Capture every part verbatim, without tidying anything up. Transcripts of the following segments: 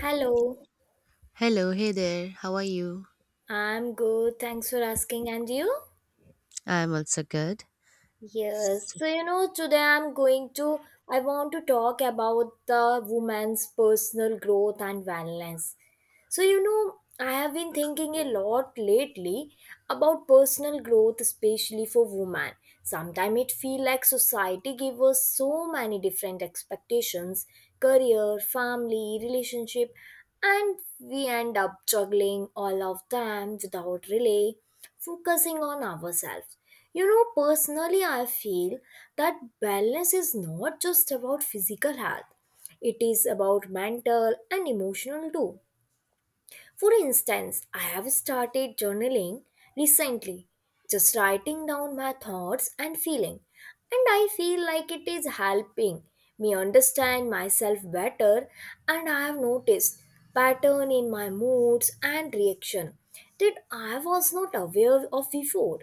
Hello, Hello, hey there. How are you? I'm good. Thanks for asking. And you? I'm also good. Yes. S- So, you know, today I'm going to, I want to talk about the woman's personal growth and wellness. So, you know, I have been thinking a lot lately about personal growth, especially for women. Sometimes it feels like society gives us so many different expectations: career, family, relationship, and we end up juggling all of them without really focusing on ourselves. You know, personally, I feel that wellness is not just about physical health, it is about mental and emotional too. For instance, I have started journaling recently, just writing down my thoughts and feeling, and I feel like it is helping me understand myself better, and I have noticed pattern in my moods and reaction that I was not aware of before.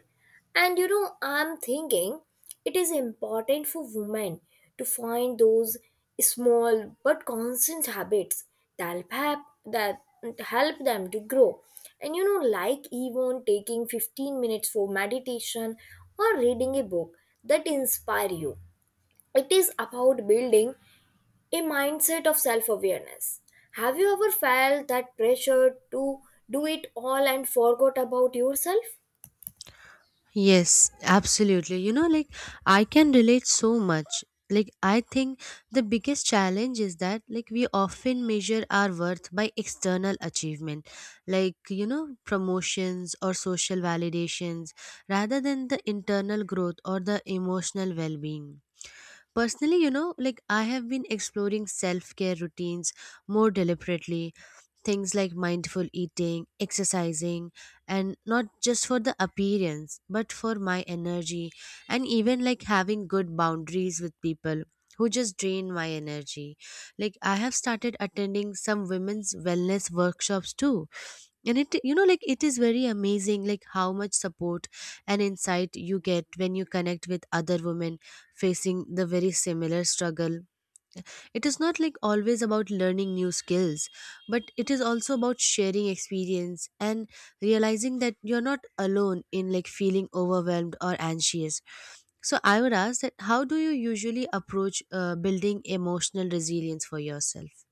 And you know, I'm thinking it is important for women to find those small but constant habits that help that help them to grow. And you know, like even taking fifteen minutes for meditation or reading a book that inspire you. It is about building a mindset of self-awareness. Have you ever felt that pressure to do it all and forgot about yourself? Yes, absolutely. You know, like I can relate so much. Like I think the biggest challenge is that like we often measure our worth by external achievement, like you know, promotions or social validations rather than the internal growth or the emotional well-being. Personally, you know, like I have been exploring self-care routines more deliberately, things like mindful eating, exercising, and not just for the appearance, but for my energy, and even like having good boundaries with people who just drain my energy. Like, I have started attending some women's wellness workshops too. And it, you know, like it is very amazing, like how much support and insight you get when you connect with other women facing the very similar struggle. It is not like always about learning new skills, but it is also about sharing experience and realizing that you're not alone in like feeling overwhelmed or anxious. So I would ask that how do you usually approach uh, building emotional resilience for yourself?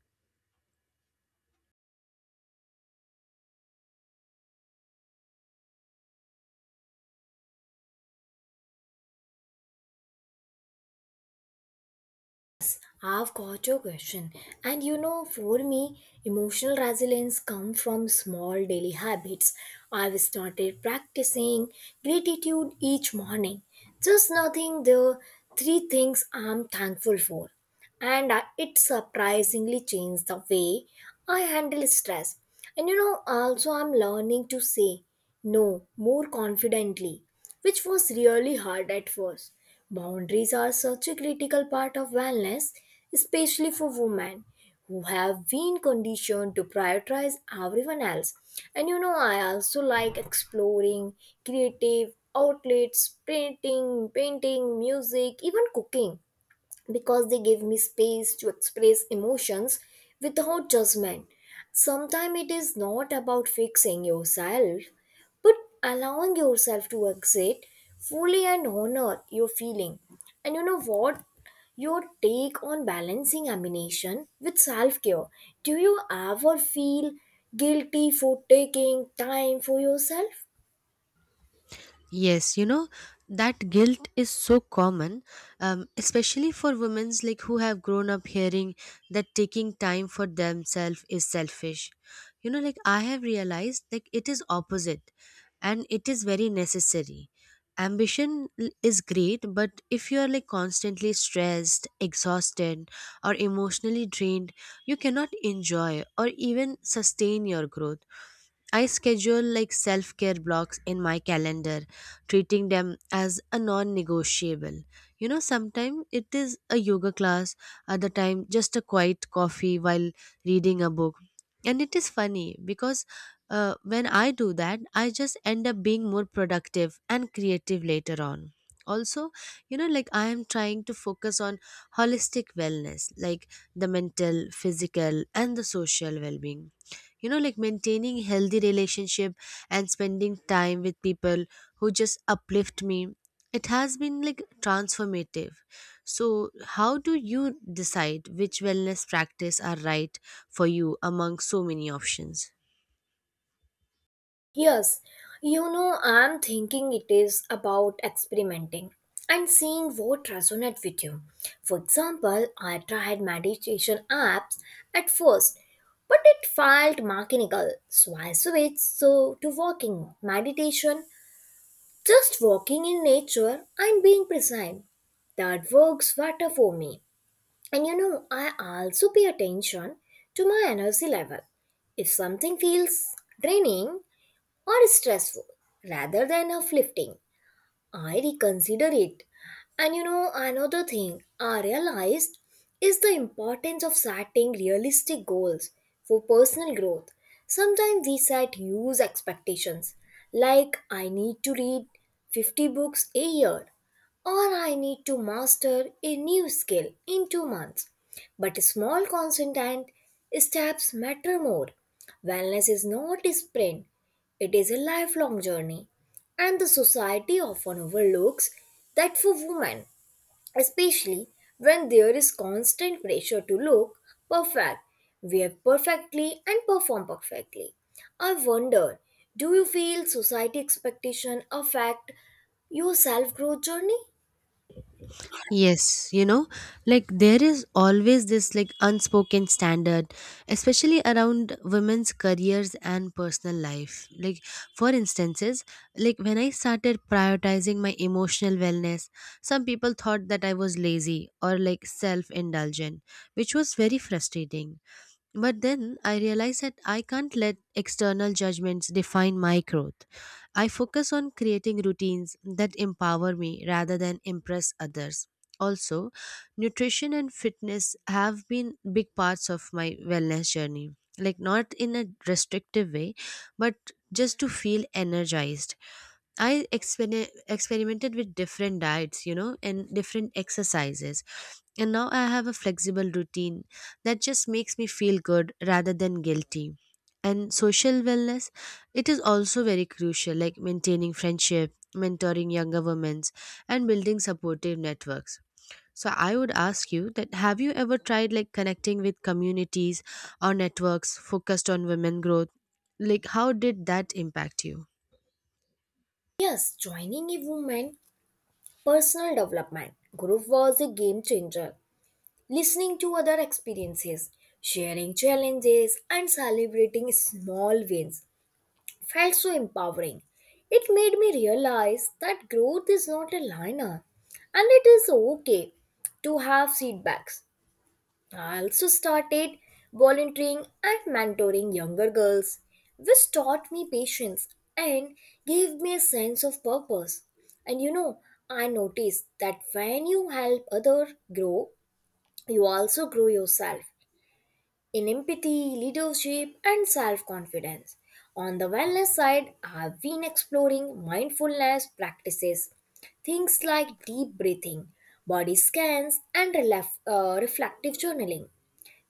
I've got your question. And you know, for me, emotional resilience comes from small daily habits. I've started practicing gratitude each morning. Just nothing the three things I'm thankful for. And I- it surprisingly changed the way I handle stress. And you know, also, I'm learning to say no more confidently, which was really hard at first. Boundaries are such a critical part of wellness, especially for women who have been conditioned to prioritize everyone else. And you know, I also like exploring creative outlets, painting, painting, music, even cooking, because they give me space to express emotions without judgment. Sometimes it is not about fixing yourself, but allowing yourself to exit fully and honor your feeling. And you know what? Your take on balancing ammunition with self care. Do you ever feel guilty for taking time for yourself? Yes, you know, that guilt is so common, um, especially for women like who have grown up hearing that taking time for themselves is selfish. You know, like I have realized like it is opposite and it is very necessary. Ambition l- is great, but if you are like constantly stressed, exhausted, or emotionally drained, you cannot enjoy or even sustain your growth. I schedule like self care blocks in my calendar, treating them as a non negotiable. You know, sometimes it is a yoga class, other time just a quiet coffee while reading a book. And it is funny because uh, when I do that, I just end up being more productive and creative later on. Also, you know, like I am trying to focus on holistic wellness, like the mental, physical, and the social well being. You know, like maintaining healthy relationship and spending time with people who just uplift me, it has been like transformative. So how do you decide which wellness practice are right for you among so many options? Yes, you know, I'm thinking it is about experimenting and seeing what resonates with you. For example, I tried meditation apps at first, but it felt mechanical, so I switched so to walking meditation, just walking in nature and being present. That works better for me. And you know, I also pay attention to my energy level. If something feels draining or stressful rather than uplifting, I reconsider it. And you know, another thing I realized is the importance of setting realistic goals for personal growth. Sometimes we set huge expectations, like I need to read fifty books a year, or I need to master a new skill in two months. But small consistent steps matter more. Wellness is not a sprint, it is a lifelong journey. And the society often overlooks that for women, especially when there is constant pressure to look perfect, wear perfectly, and perform perfectly. I wonder, do you feel society expectation affect your self growth journey? Yes, you know, like there is always this like unspoken standard, especially around women's careers and personal life. Like, for instances, like when I started prioritizing my emotional wellness, some people thought that I was lazy or like self indulgent, which was very frustrating. But then I realized that I can't let external judgments define my growth. I focus on creating routines that empower me rather than impress others. Also, nutrition and fitness have been big parts of my wellness journey. Like, not in a restrictive way, but just to feel energized. I exper- experimented with different diets, you know, and different exercises. And now I have a flexible routine that just makes me feel good rather than guilty. And social wellness, it is also very crucial, like maintaining friendship, mentoring younger women, and building supportive networks. So I would ask you that have you ever tried like connecting with communities or networks focused on women growth? Like how did that impact you? Yes, joining a woman personal development group was a game changer. Listening to other experiences, sharing challenges, and celebrating small wins felt so empowering. It made me realize that growth is not a linear and it is okay to have setbacks. I also started volunteering and mentoring younger girls, which taught me patience and gave me a sense of purpose. And you know, I noticed that when you help others grow, you also grow yourself in empathy, leadership, and self confidence. On the wellness side, I've been exploring mindfulness practices, things like deep breathing, body scans, and relef- uh, reflective journaling.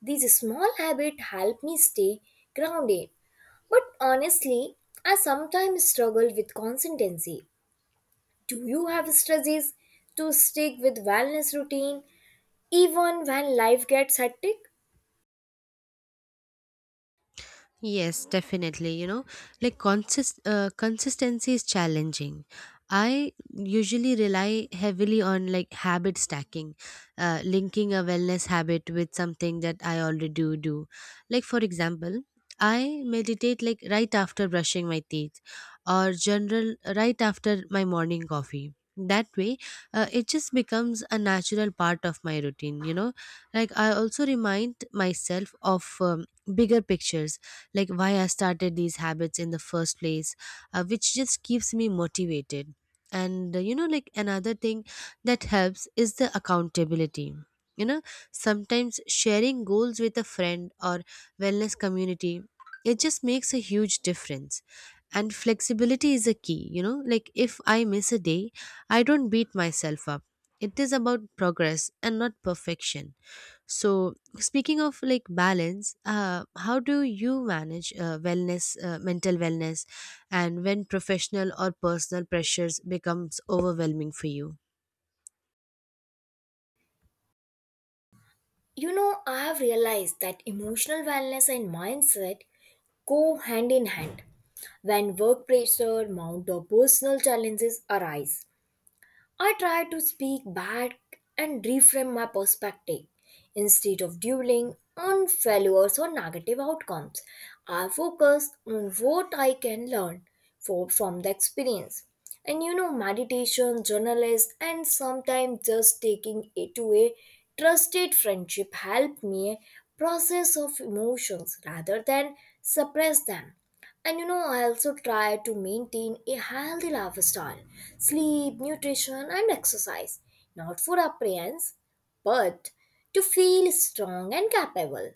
These small habits help me stay grounded. But honestly, I sometimes struggle with consistency. Do you have strategies to stick with wellness routine even when life gets hectic? Yes, definitely. You know, like consist uh, consistency is challenging. I usually rely heavily on like habit stacking, uh, linking a wellness habit with something that I already do do. Like for example, I meditate like right after brushing my teeth, or general right after my morning coffee. That way, uh, it just becomes a natural part of my routine. You know, like I also remind myself of um, bigger pictures, like why I started these habits in the first place, uh, which just keeps me motivated. And uh, you know, like another thing that helps is the accountability. You know, sometimes sharing goals with a friend or wellness community, it just makes a huge difference. And flexibility is a key, you know, like if I miss a day, I don't beat myself up. It is about progress and not perfection. So, speaking of like balance, uh, how do you manage uh, wellness, uh, mental wellness, and when professional or personal pressures becomes overwhelming for you? You know, I have realized that emotional wellness and mindset go hand in hand. When work pressure, mount, or personal challenges arise, I try to speak back and reframe my perspective. Instead of dwelling on failures or negative outcomes, I focus on what I can learn for, from the experience. And you know, meditation, journalism, and sometimes just taking it to a trusted friendship help me process of emotions rather than suppress them. And you know, I also try to maintain a healthy lifestyle: sleep, nutrition, and exercise. Not for appearance, but to feel strong and capable.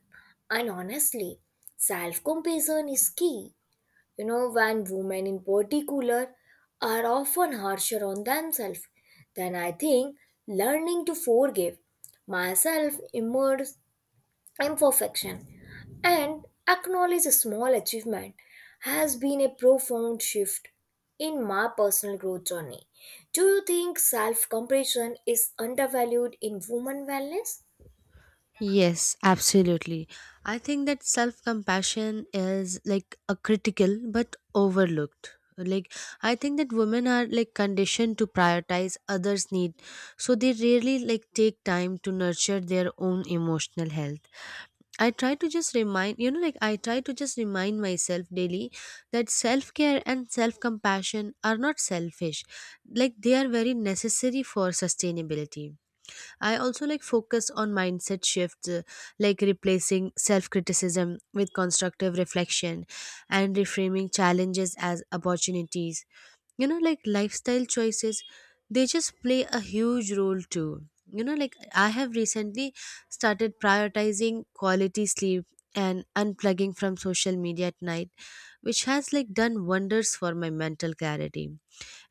And honestly, self compassion is key. You know, when women in particular are often harsher on themselves, then I think learning to forgive myself emerges imperfection and acknowledge a small achievement has been a profound shift in my personal growth journey. Do you think self compassion is undervalued in women wellness? Yes, absolutely. I think that self compassion is like a critical but overlooked. Like I think that women are like conditioned to prioritize others' need, so they rarely like take time to nurture their own emotional health. I try to just remind, you know, like I try to just remind myself daily that self care and self compassion are not selfish. Like they are very necessary for sustainability. I also like focus on mindset shifts, uh, like replacing self criticism with constructive reflection and reframing challenges as opportunities. You know, like lifestyle choices, they just play a huge role too. You know, like I have recently started prioritizing quality sleep and unplugging from social media at night, which has like done wonders for my mental clarity.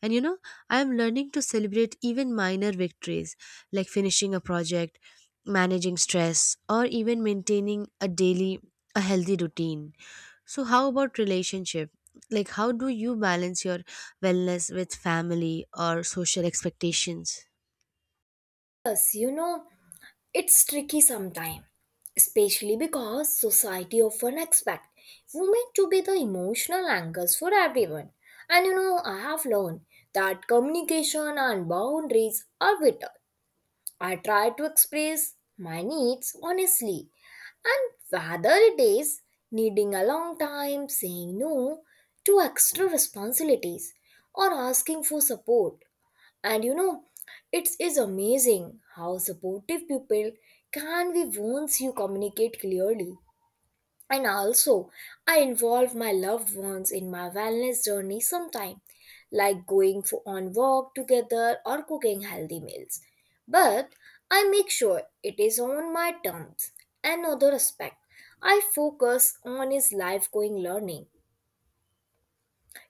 And you know, I am learning to celebrate even minor victories like finishing a project, managing stress, or even maintaining a daily a healthy routine. So how about relationship? Like how do you balance your wellness with family or social expectations? Yes, you know, it's tricky sometimes, especially because society often expects women to be the emotional anchors for everyone. And you know, I have learned that communication and boundaries are vital. I try to express my needs honestly, and whether it is needing a long time, saying no to extra responsibilities, or asking for support. And you know, it is amazing how supportive people can be once you communicate clearly. And also, I involve my loved ones in my wellness journey sometime, like going for on walk together or cooking healthy meals. But I make sure it is on my terms. Another aspect I focus on is life going learning,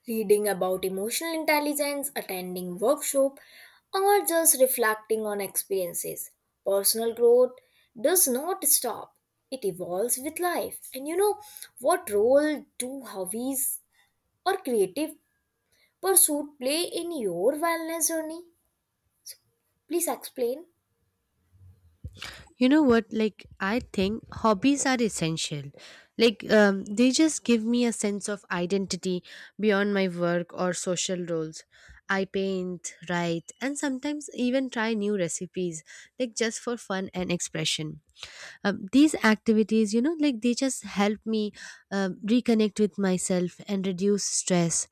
reading about emotional intelligence, attending workshop, or just reflecting on experiences. Personal growth does not stop. It evolves with life. And you know, what role do hobbies or creative pursuit play in your wellness journey? Please explain. You know what, like I think hobbies are essential. Like um, they just give me a sense of identity beyond my work or social roles. I paint, write, and sometimes even try new recipes, like just for fun and expression. um, these activities, you know, like they just help me um, reconnect with myself and reduce stress.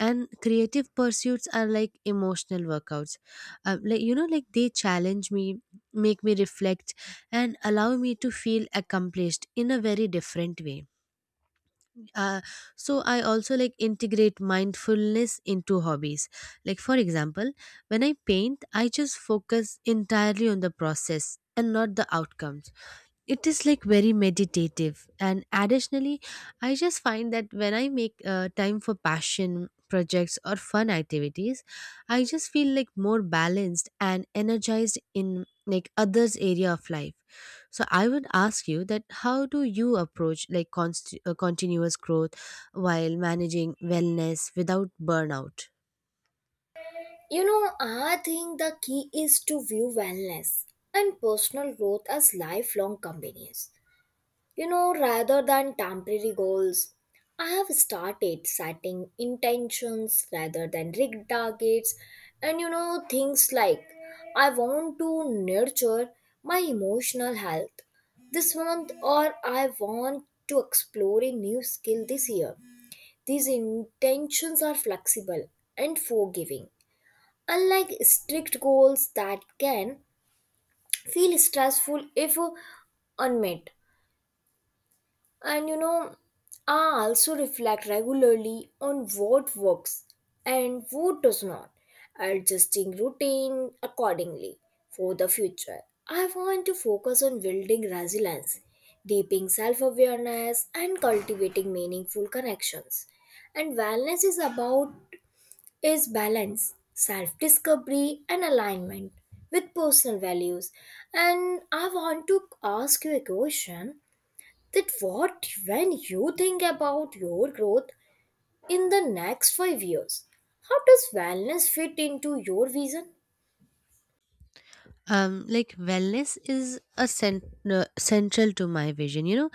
And creative pursuits are like emotional workouts. um, like, you know, like they challenge me, make me reflect, and allow me to feel accomplished in a very different way. uh, so I also like integrate mindfulness into hobbies. Like for example, when I paint, I just focus entirely on the process and not the outcomes. It is like very meditative. And additionally, I just find that when I make uh, time for passion projects or fun activities, I just feel like more balanced and energized in like others area of life. So I would ask you that how do you approach like const- uh, continuous growth while managing wellness without burnout? You know, I think the key is to view wellness and personal growth as lifelong companions. You know, rather than temporary goals, I have started setting intentions rather than rigged targets. And you know, things like, I want to nurture my emotional health this month, or I want to explore a new skill this year. These intentions are flexible and forgiving, unlike strict goals that can feel stressful if unmet. And you know, I also reflect regularly on what works and what does not, adjusting routine accordingly for the future. I want to focus on building resilience, deepening self awareness, and cultivating meaningful connections. And wellness is about is balance, self discovery, and alignment with personal values. And I want to ask you a question that, what, when you think about your growth in the next five years, how does wellness fit into your vision? um like wellness is a cent- uh, central to my vision. You know,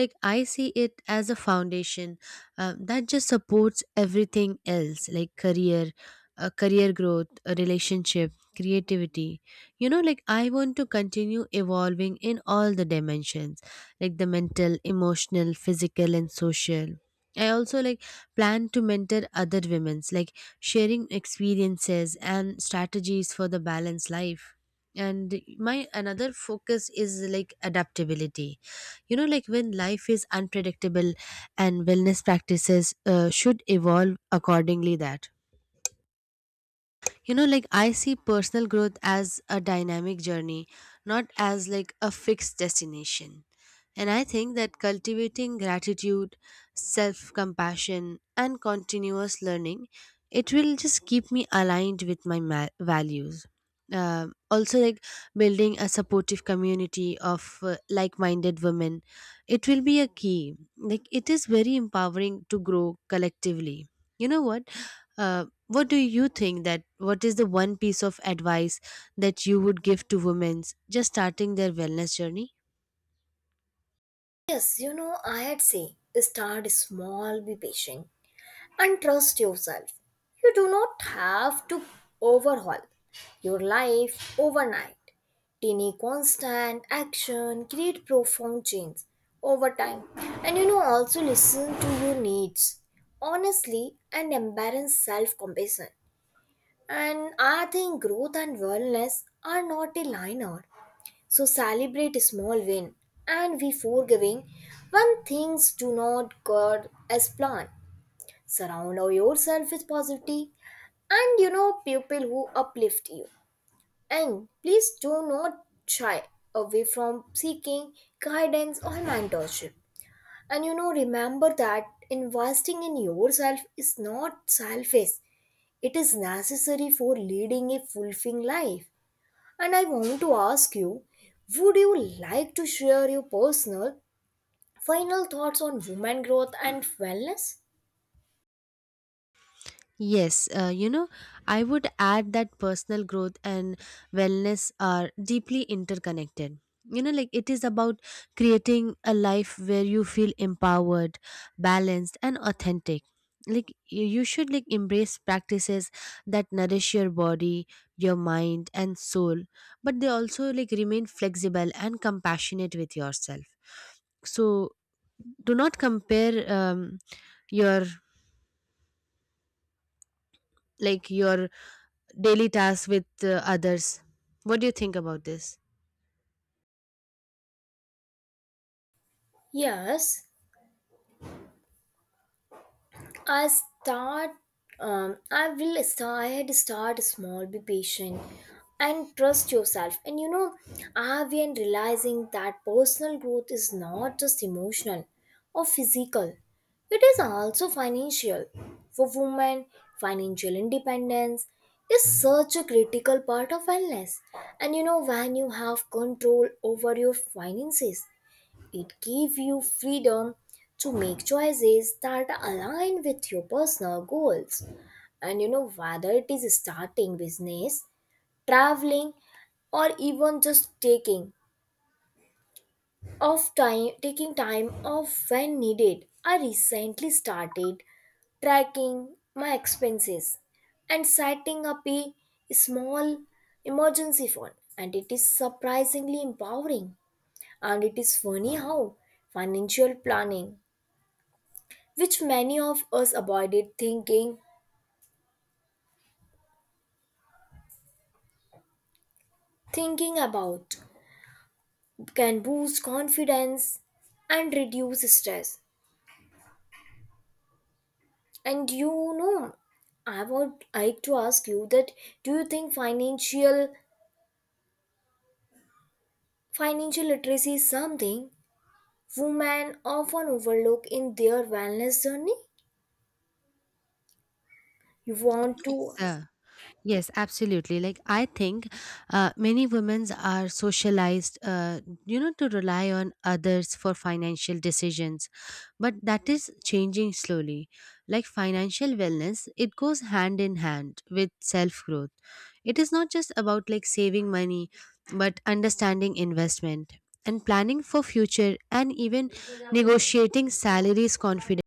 like I see it as a foundation, um, that just supports everything else like career uh, career growth, a relationship, creativity. You know, like I want to continue evolving in all the dimensions, like the mental, emotional, physical, and social. I also like plan to mentor other women's, like sharing experiences and strategies for the balanced life. And my another focus is like adaptability. You know, like when life is unpredictable, and wellness practices uh, should evolve accordingly. That, you know, like I see personal growth as a dynamic journey, not as like a fixed destination. And I think that cultivating gratitude, self compassion, and continuous learning, it will just keep me aligned with my ma- values. Um, also like building a supportive community of uh, like minded women, it will be a key. Like it is very empowering to grow collectively. You know what, Uh, what do you think that what is the one piece of advice that you would give to women just starting their wellness journey? Yes, you know, I would say start small, be patient, and trust yourself. You do not have to overhaul your life overnight. Tiny constant action create profound change over time. And you know, also, listen to your needs honestly and embrace self compassion. And I think growth and wellness are not a line linear. So celebrate a small win and be forgiving when things do not go as planned. Surround yourself with positivity and you know people who uplift you. And please do not shy away from seeking guidance or mentorship. And you know, remember that investing in yourself is not selfish, it is necessary for leading a fulfilling life. And I want to ask you, would you like to share your personal final thoughts on woman growth and wellness? Yes, uh, you know, I would add that personal growth and wellness are deeply interconnected. You know, like it is about creating a life where you feel empowered, balanced, and authentic. Like you you should like embrace practices that nourish your body, your mind, and soul, but they also like remain flexible and compassionate with yourself. So do not compare um, your like your daily tasks with uh, others. What do you think about this? Yes. I start. Um, I will start. I had to start small. Be patient and trust yourself. And you know, I've been realizing that personal growth is not just emotional or physical. It is also financial. For women, financial independence is such a critical part of wellness. And you know, when you have control over your finances, it gives you freedom to make choices that align with your personal goals. And you know, whether it is starting business, traveling, or even just taking off time taking time off when needed. I recently started tracking my expenses and setting up a small emergency fund, and it is surprisingly empowering. And it is funny how financial planning, which many of us avoided thinking thinking about, can boost confidence and reduce stress. And you know I would like to ask you that, do you think financial financial literacy is something women often overlook in their wellness journey? You want to— Yeah. Yes, absolutely. Like I think uh, many women are socialized, uh, you know, to rely on others for financial decisions, but that is changing slowly. Like financial wellness, it goes hand in hand with self growth. It is not just about like saving money, but understanding investment and planning for future and even negotiating salaries confidently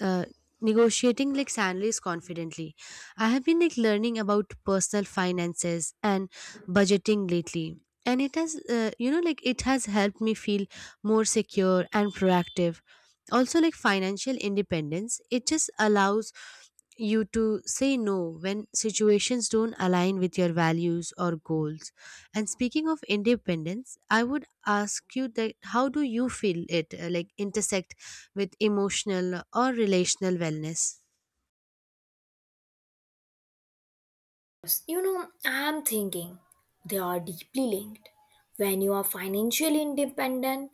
uh, negotiating like salaries confidently. I have been like learning about personal finances and budgeting lately. And it has, uh, you know, like it has helped me feel more secure and proactive. Also, like financial independence, it just allows you to say no when situations don't align with your values or goals. And speaking of independence, I would ask you that how do you feel it uh, like intersect with emotional or relational wellness. You know, I'm thinking they are deeply linked. When you are financially independent,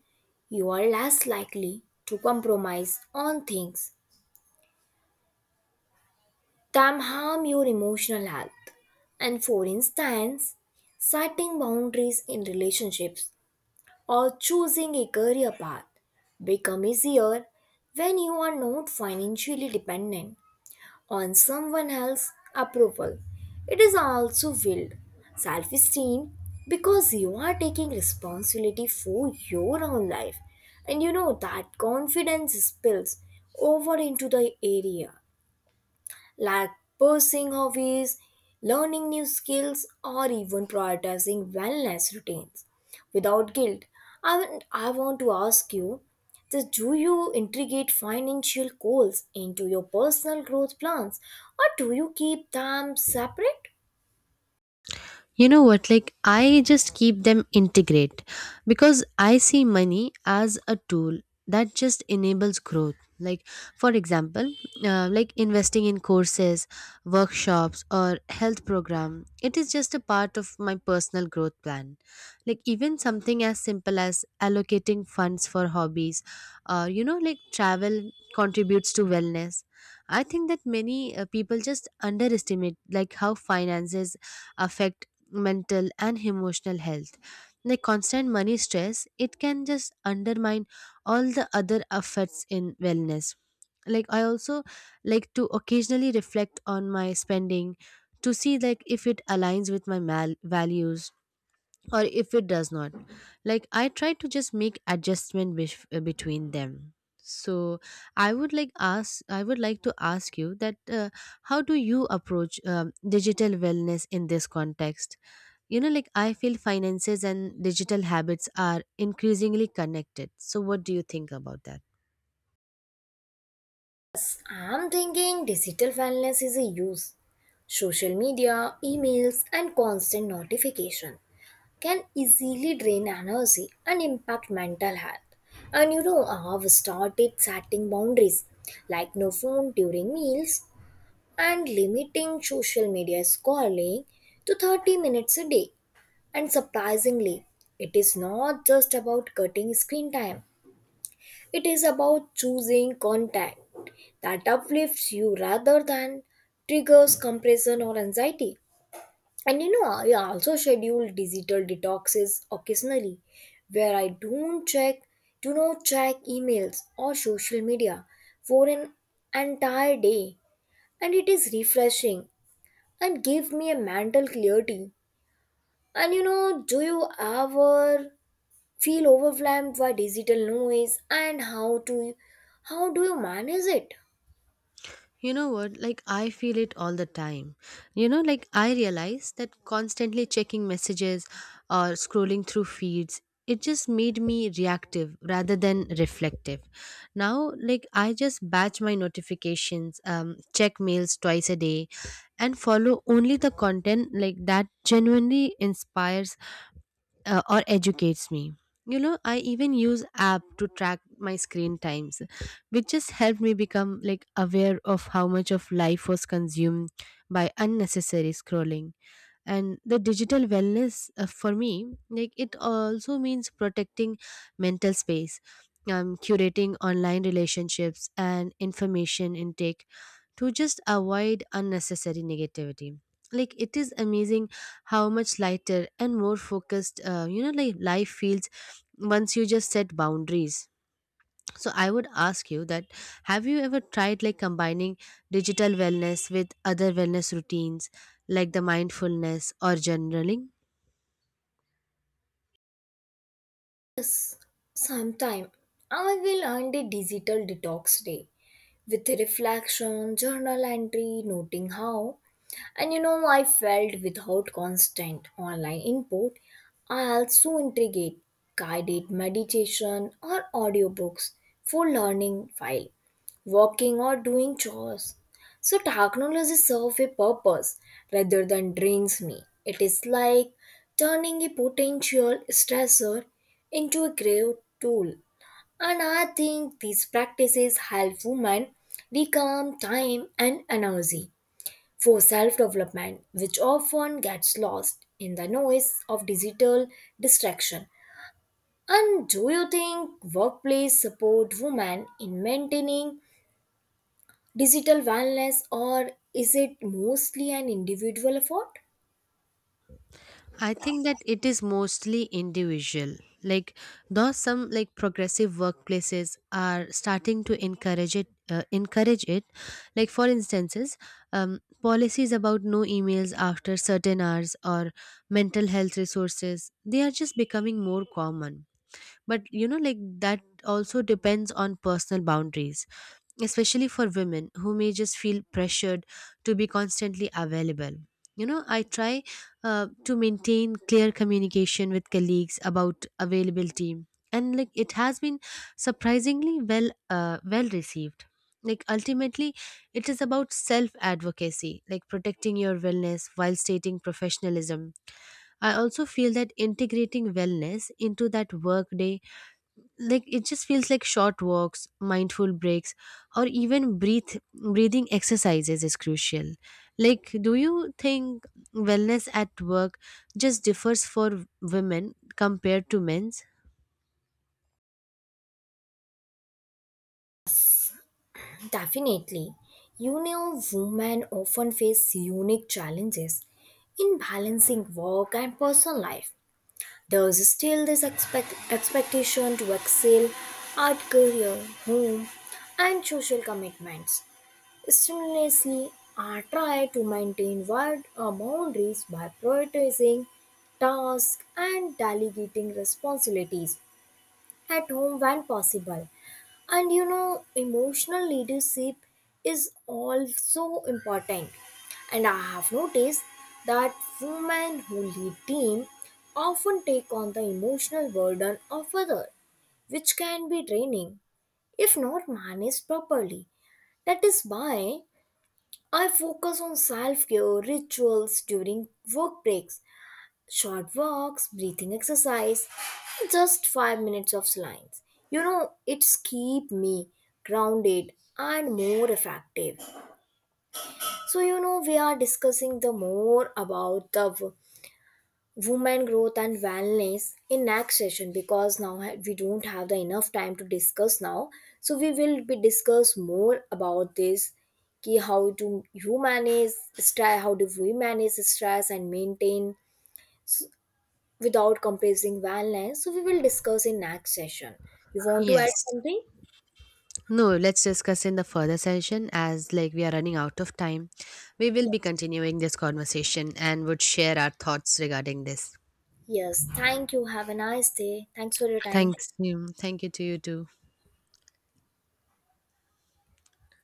you are less likely to compromise on things that harm your emotional health. And for instance, setting boundaries in relationships or choosing a career path become easier when you are not financially dependent on someone else's approval. It is also willed self esteem because you are taking responsibility for your own life. And you know that confidence spills over into the area like pursuing hobbies, learning new skills, or even prioritizing wellness routines without guilt. I, want- I want to ask you this: do you integrate financial goals into your personal growth plans, or do you keep them separate? You know what, like I just keep them integrate because I see money as a tool that just enables growth. Like for example, uh, like investing in courses, workshops, or health program, it is just a part of my personal growth plan. Like even something as simple as allocating funds for hobbies or, you know, like travel contributes to wellness. I think that many uh, people just underestimate like how finances affect mental and emotional health. The constant money stress, it can just undermine all the other effects in wellness. Like I also like to occasionally reflect on my spending to see like if it aligns with my mal- values, or if it does not, like I try to just make adjustment bef- uh, between them. So i would like ask I would like to ask you that uh, how do you approach um, digital wellness in this context? You know, like I feel finances and digital habits are increasingly connected. So, what do you think about that? I'm thinking digital wellness is a use: social media, emails, and constant notification can easily drain energy and impact mental health. And you know, I've started setting boundaries like no phone during meals and limiting social media scrolling to thirty minutes a day. And surprisingly, it is not just about cutting screen time, it is about choosing content that uplifts you rather than triggers compression or anxiety. And you know, I also schedule digital detoxes occasionally where I don't check, do not check emails or social media for an entire day. And it is refreshing and give me a mental clarity. And you know, do you ever feel overwhelmed by digital noise, and how to how do you manage it? You know what? Like, I feel it all the time. You know, like, I realize that constantly checking messages or scrolling through feeds, it just made me reactive rather than reflective. Now, like, I just batch my notifications, um, check mails twice a day, and follow only the content like that genuinely inspires uh, or educates me. You know, I even use app to track my screen times, which just helped me become like aware of how much of life was consumed by unnecessary scrolling. And the digital wellness uh, for me, like it also means protecting mental space, um, curating online relationships and information intake to just avoid unnecessary negativity. Like it is amazing how much lighter and more focused, uh, you know, like life feels once you just set boundaries. So I would ask you that have you ever tried like combining digital wellness with other wellness routines like the mindfulness or journaling? Yes, sometime I will earn a digital detox day with reflection, journal entry, noting how. And you know, I felt without constant online input, I also integrate guided meditation or audiobooks for learning while walking or doing chores. So technology serves a purpose rather than drains me. It is like turning a potential stressor into a great tool, and I think these practices help women reclaim time and energy for self development, which often gets lost in the noise of digital distraction. And do you think workplace support women in maintaining digital wellness, or is it mostly an individual effort? I think that it is mostly individual. Like, though some like progressive workplaces are starting to encourage it, uh, encourage it. Like for instances, um, policies about no emails after certain hours or mental health resources, they are just becoming more common. But you know, like that also depends on personal boundaries, especially for women who may just feel pressured to be constantly available. You know, I try uh, to maintain clear communication with colleagues about availability, and like it has been surprisingly well uh, well received. Like ultimately, it is about self advocacy, like protecting your wellness while stating professionalism. I also feel that integrating wellness into that workday, like it just feels like short walks, mindful breaks, or even breathe breathing exercises is crucial. Like do you think wellness at work just differs for women compared to men's? Definitely. You know, women often face unique challenges in balancing work and personal life. There is still this expect- expectation to excel at career, home, and social commitments. Simultaneously, I try to maintain wide uh, boundaries by prioritizing tasks and delegating responsibilities at home when possible. And you know, emotional leadership is also important. And I have noticed that women who lead team often take on the emotional burden of others, which can be draining if not managed properly. That is why I focus on self-care rituals during work breaks: short walks, breathing exercise, just five minutes of silence. You know, it's keep me grounded and more effective. So you know, we are discussing the more about the w- woman growth and wellness in next session, because now ha- we don't have the enough time to discuss now. So we will be discuss more about this. Ki How do you manage stress, how do we manage stress and maintain s- without compressing wellness. So we will discuss in next session. You want to add Yes. something? No, let's discuss in the further session as like we are running out of time. We will be Yes. continuing this conversation and would share our thoughts regarding this. Yes. Thank you. Have a nice day. Thanks for your time. Thanks you thank you to you too.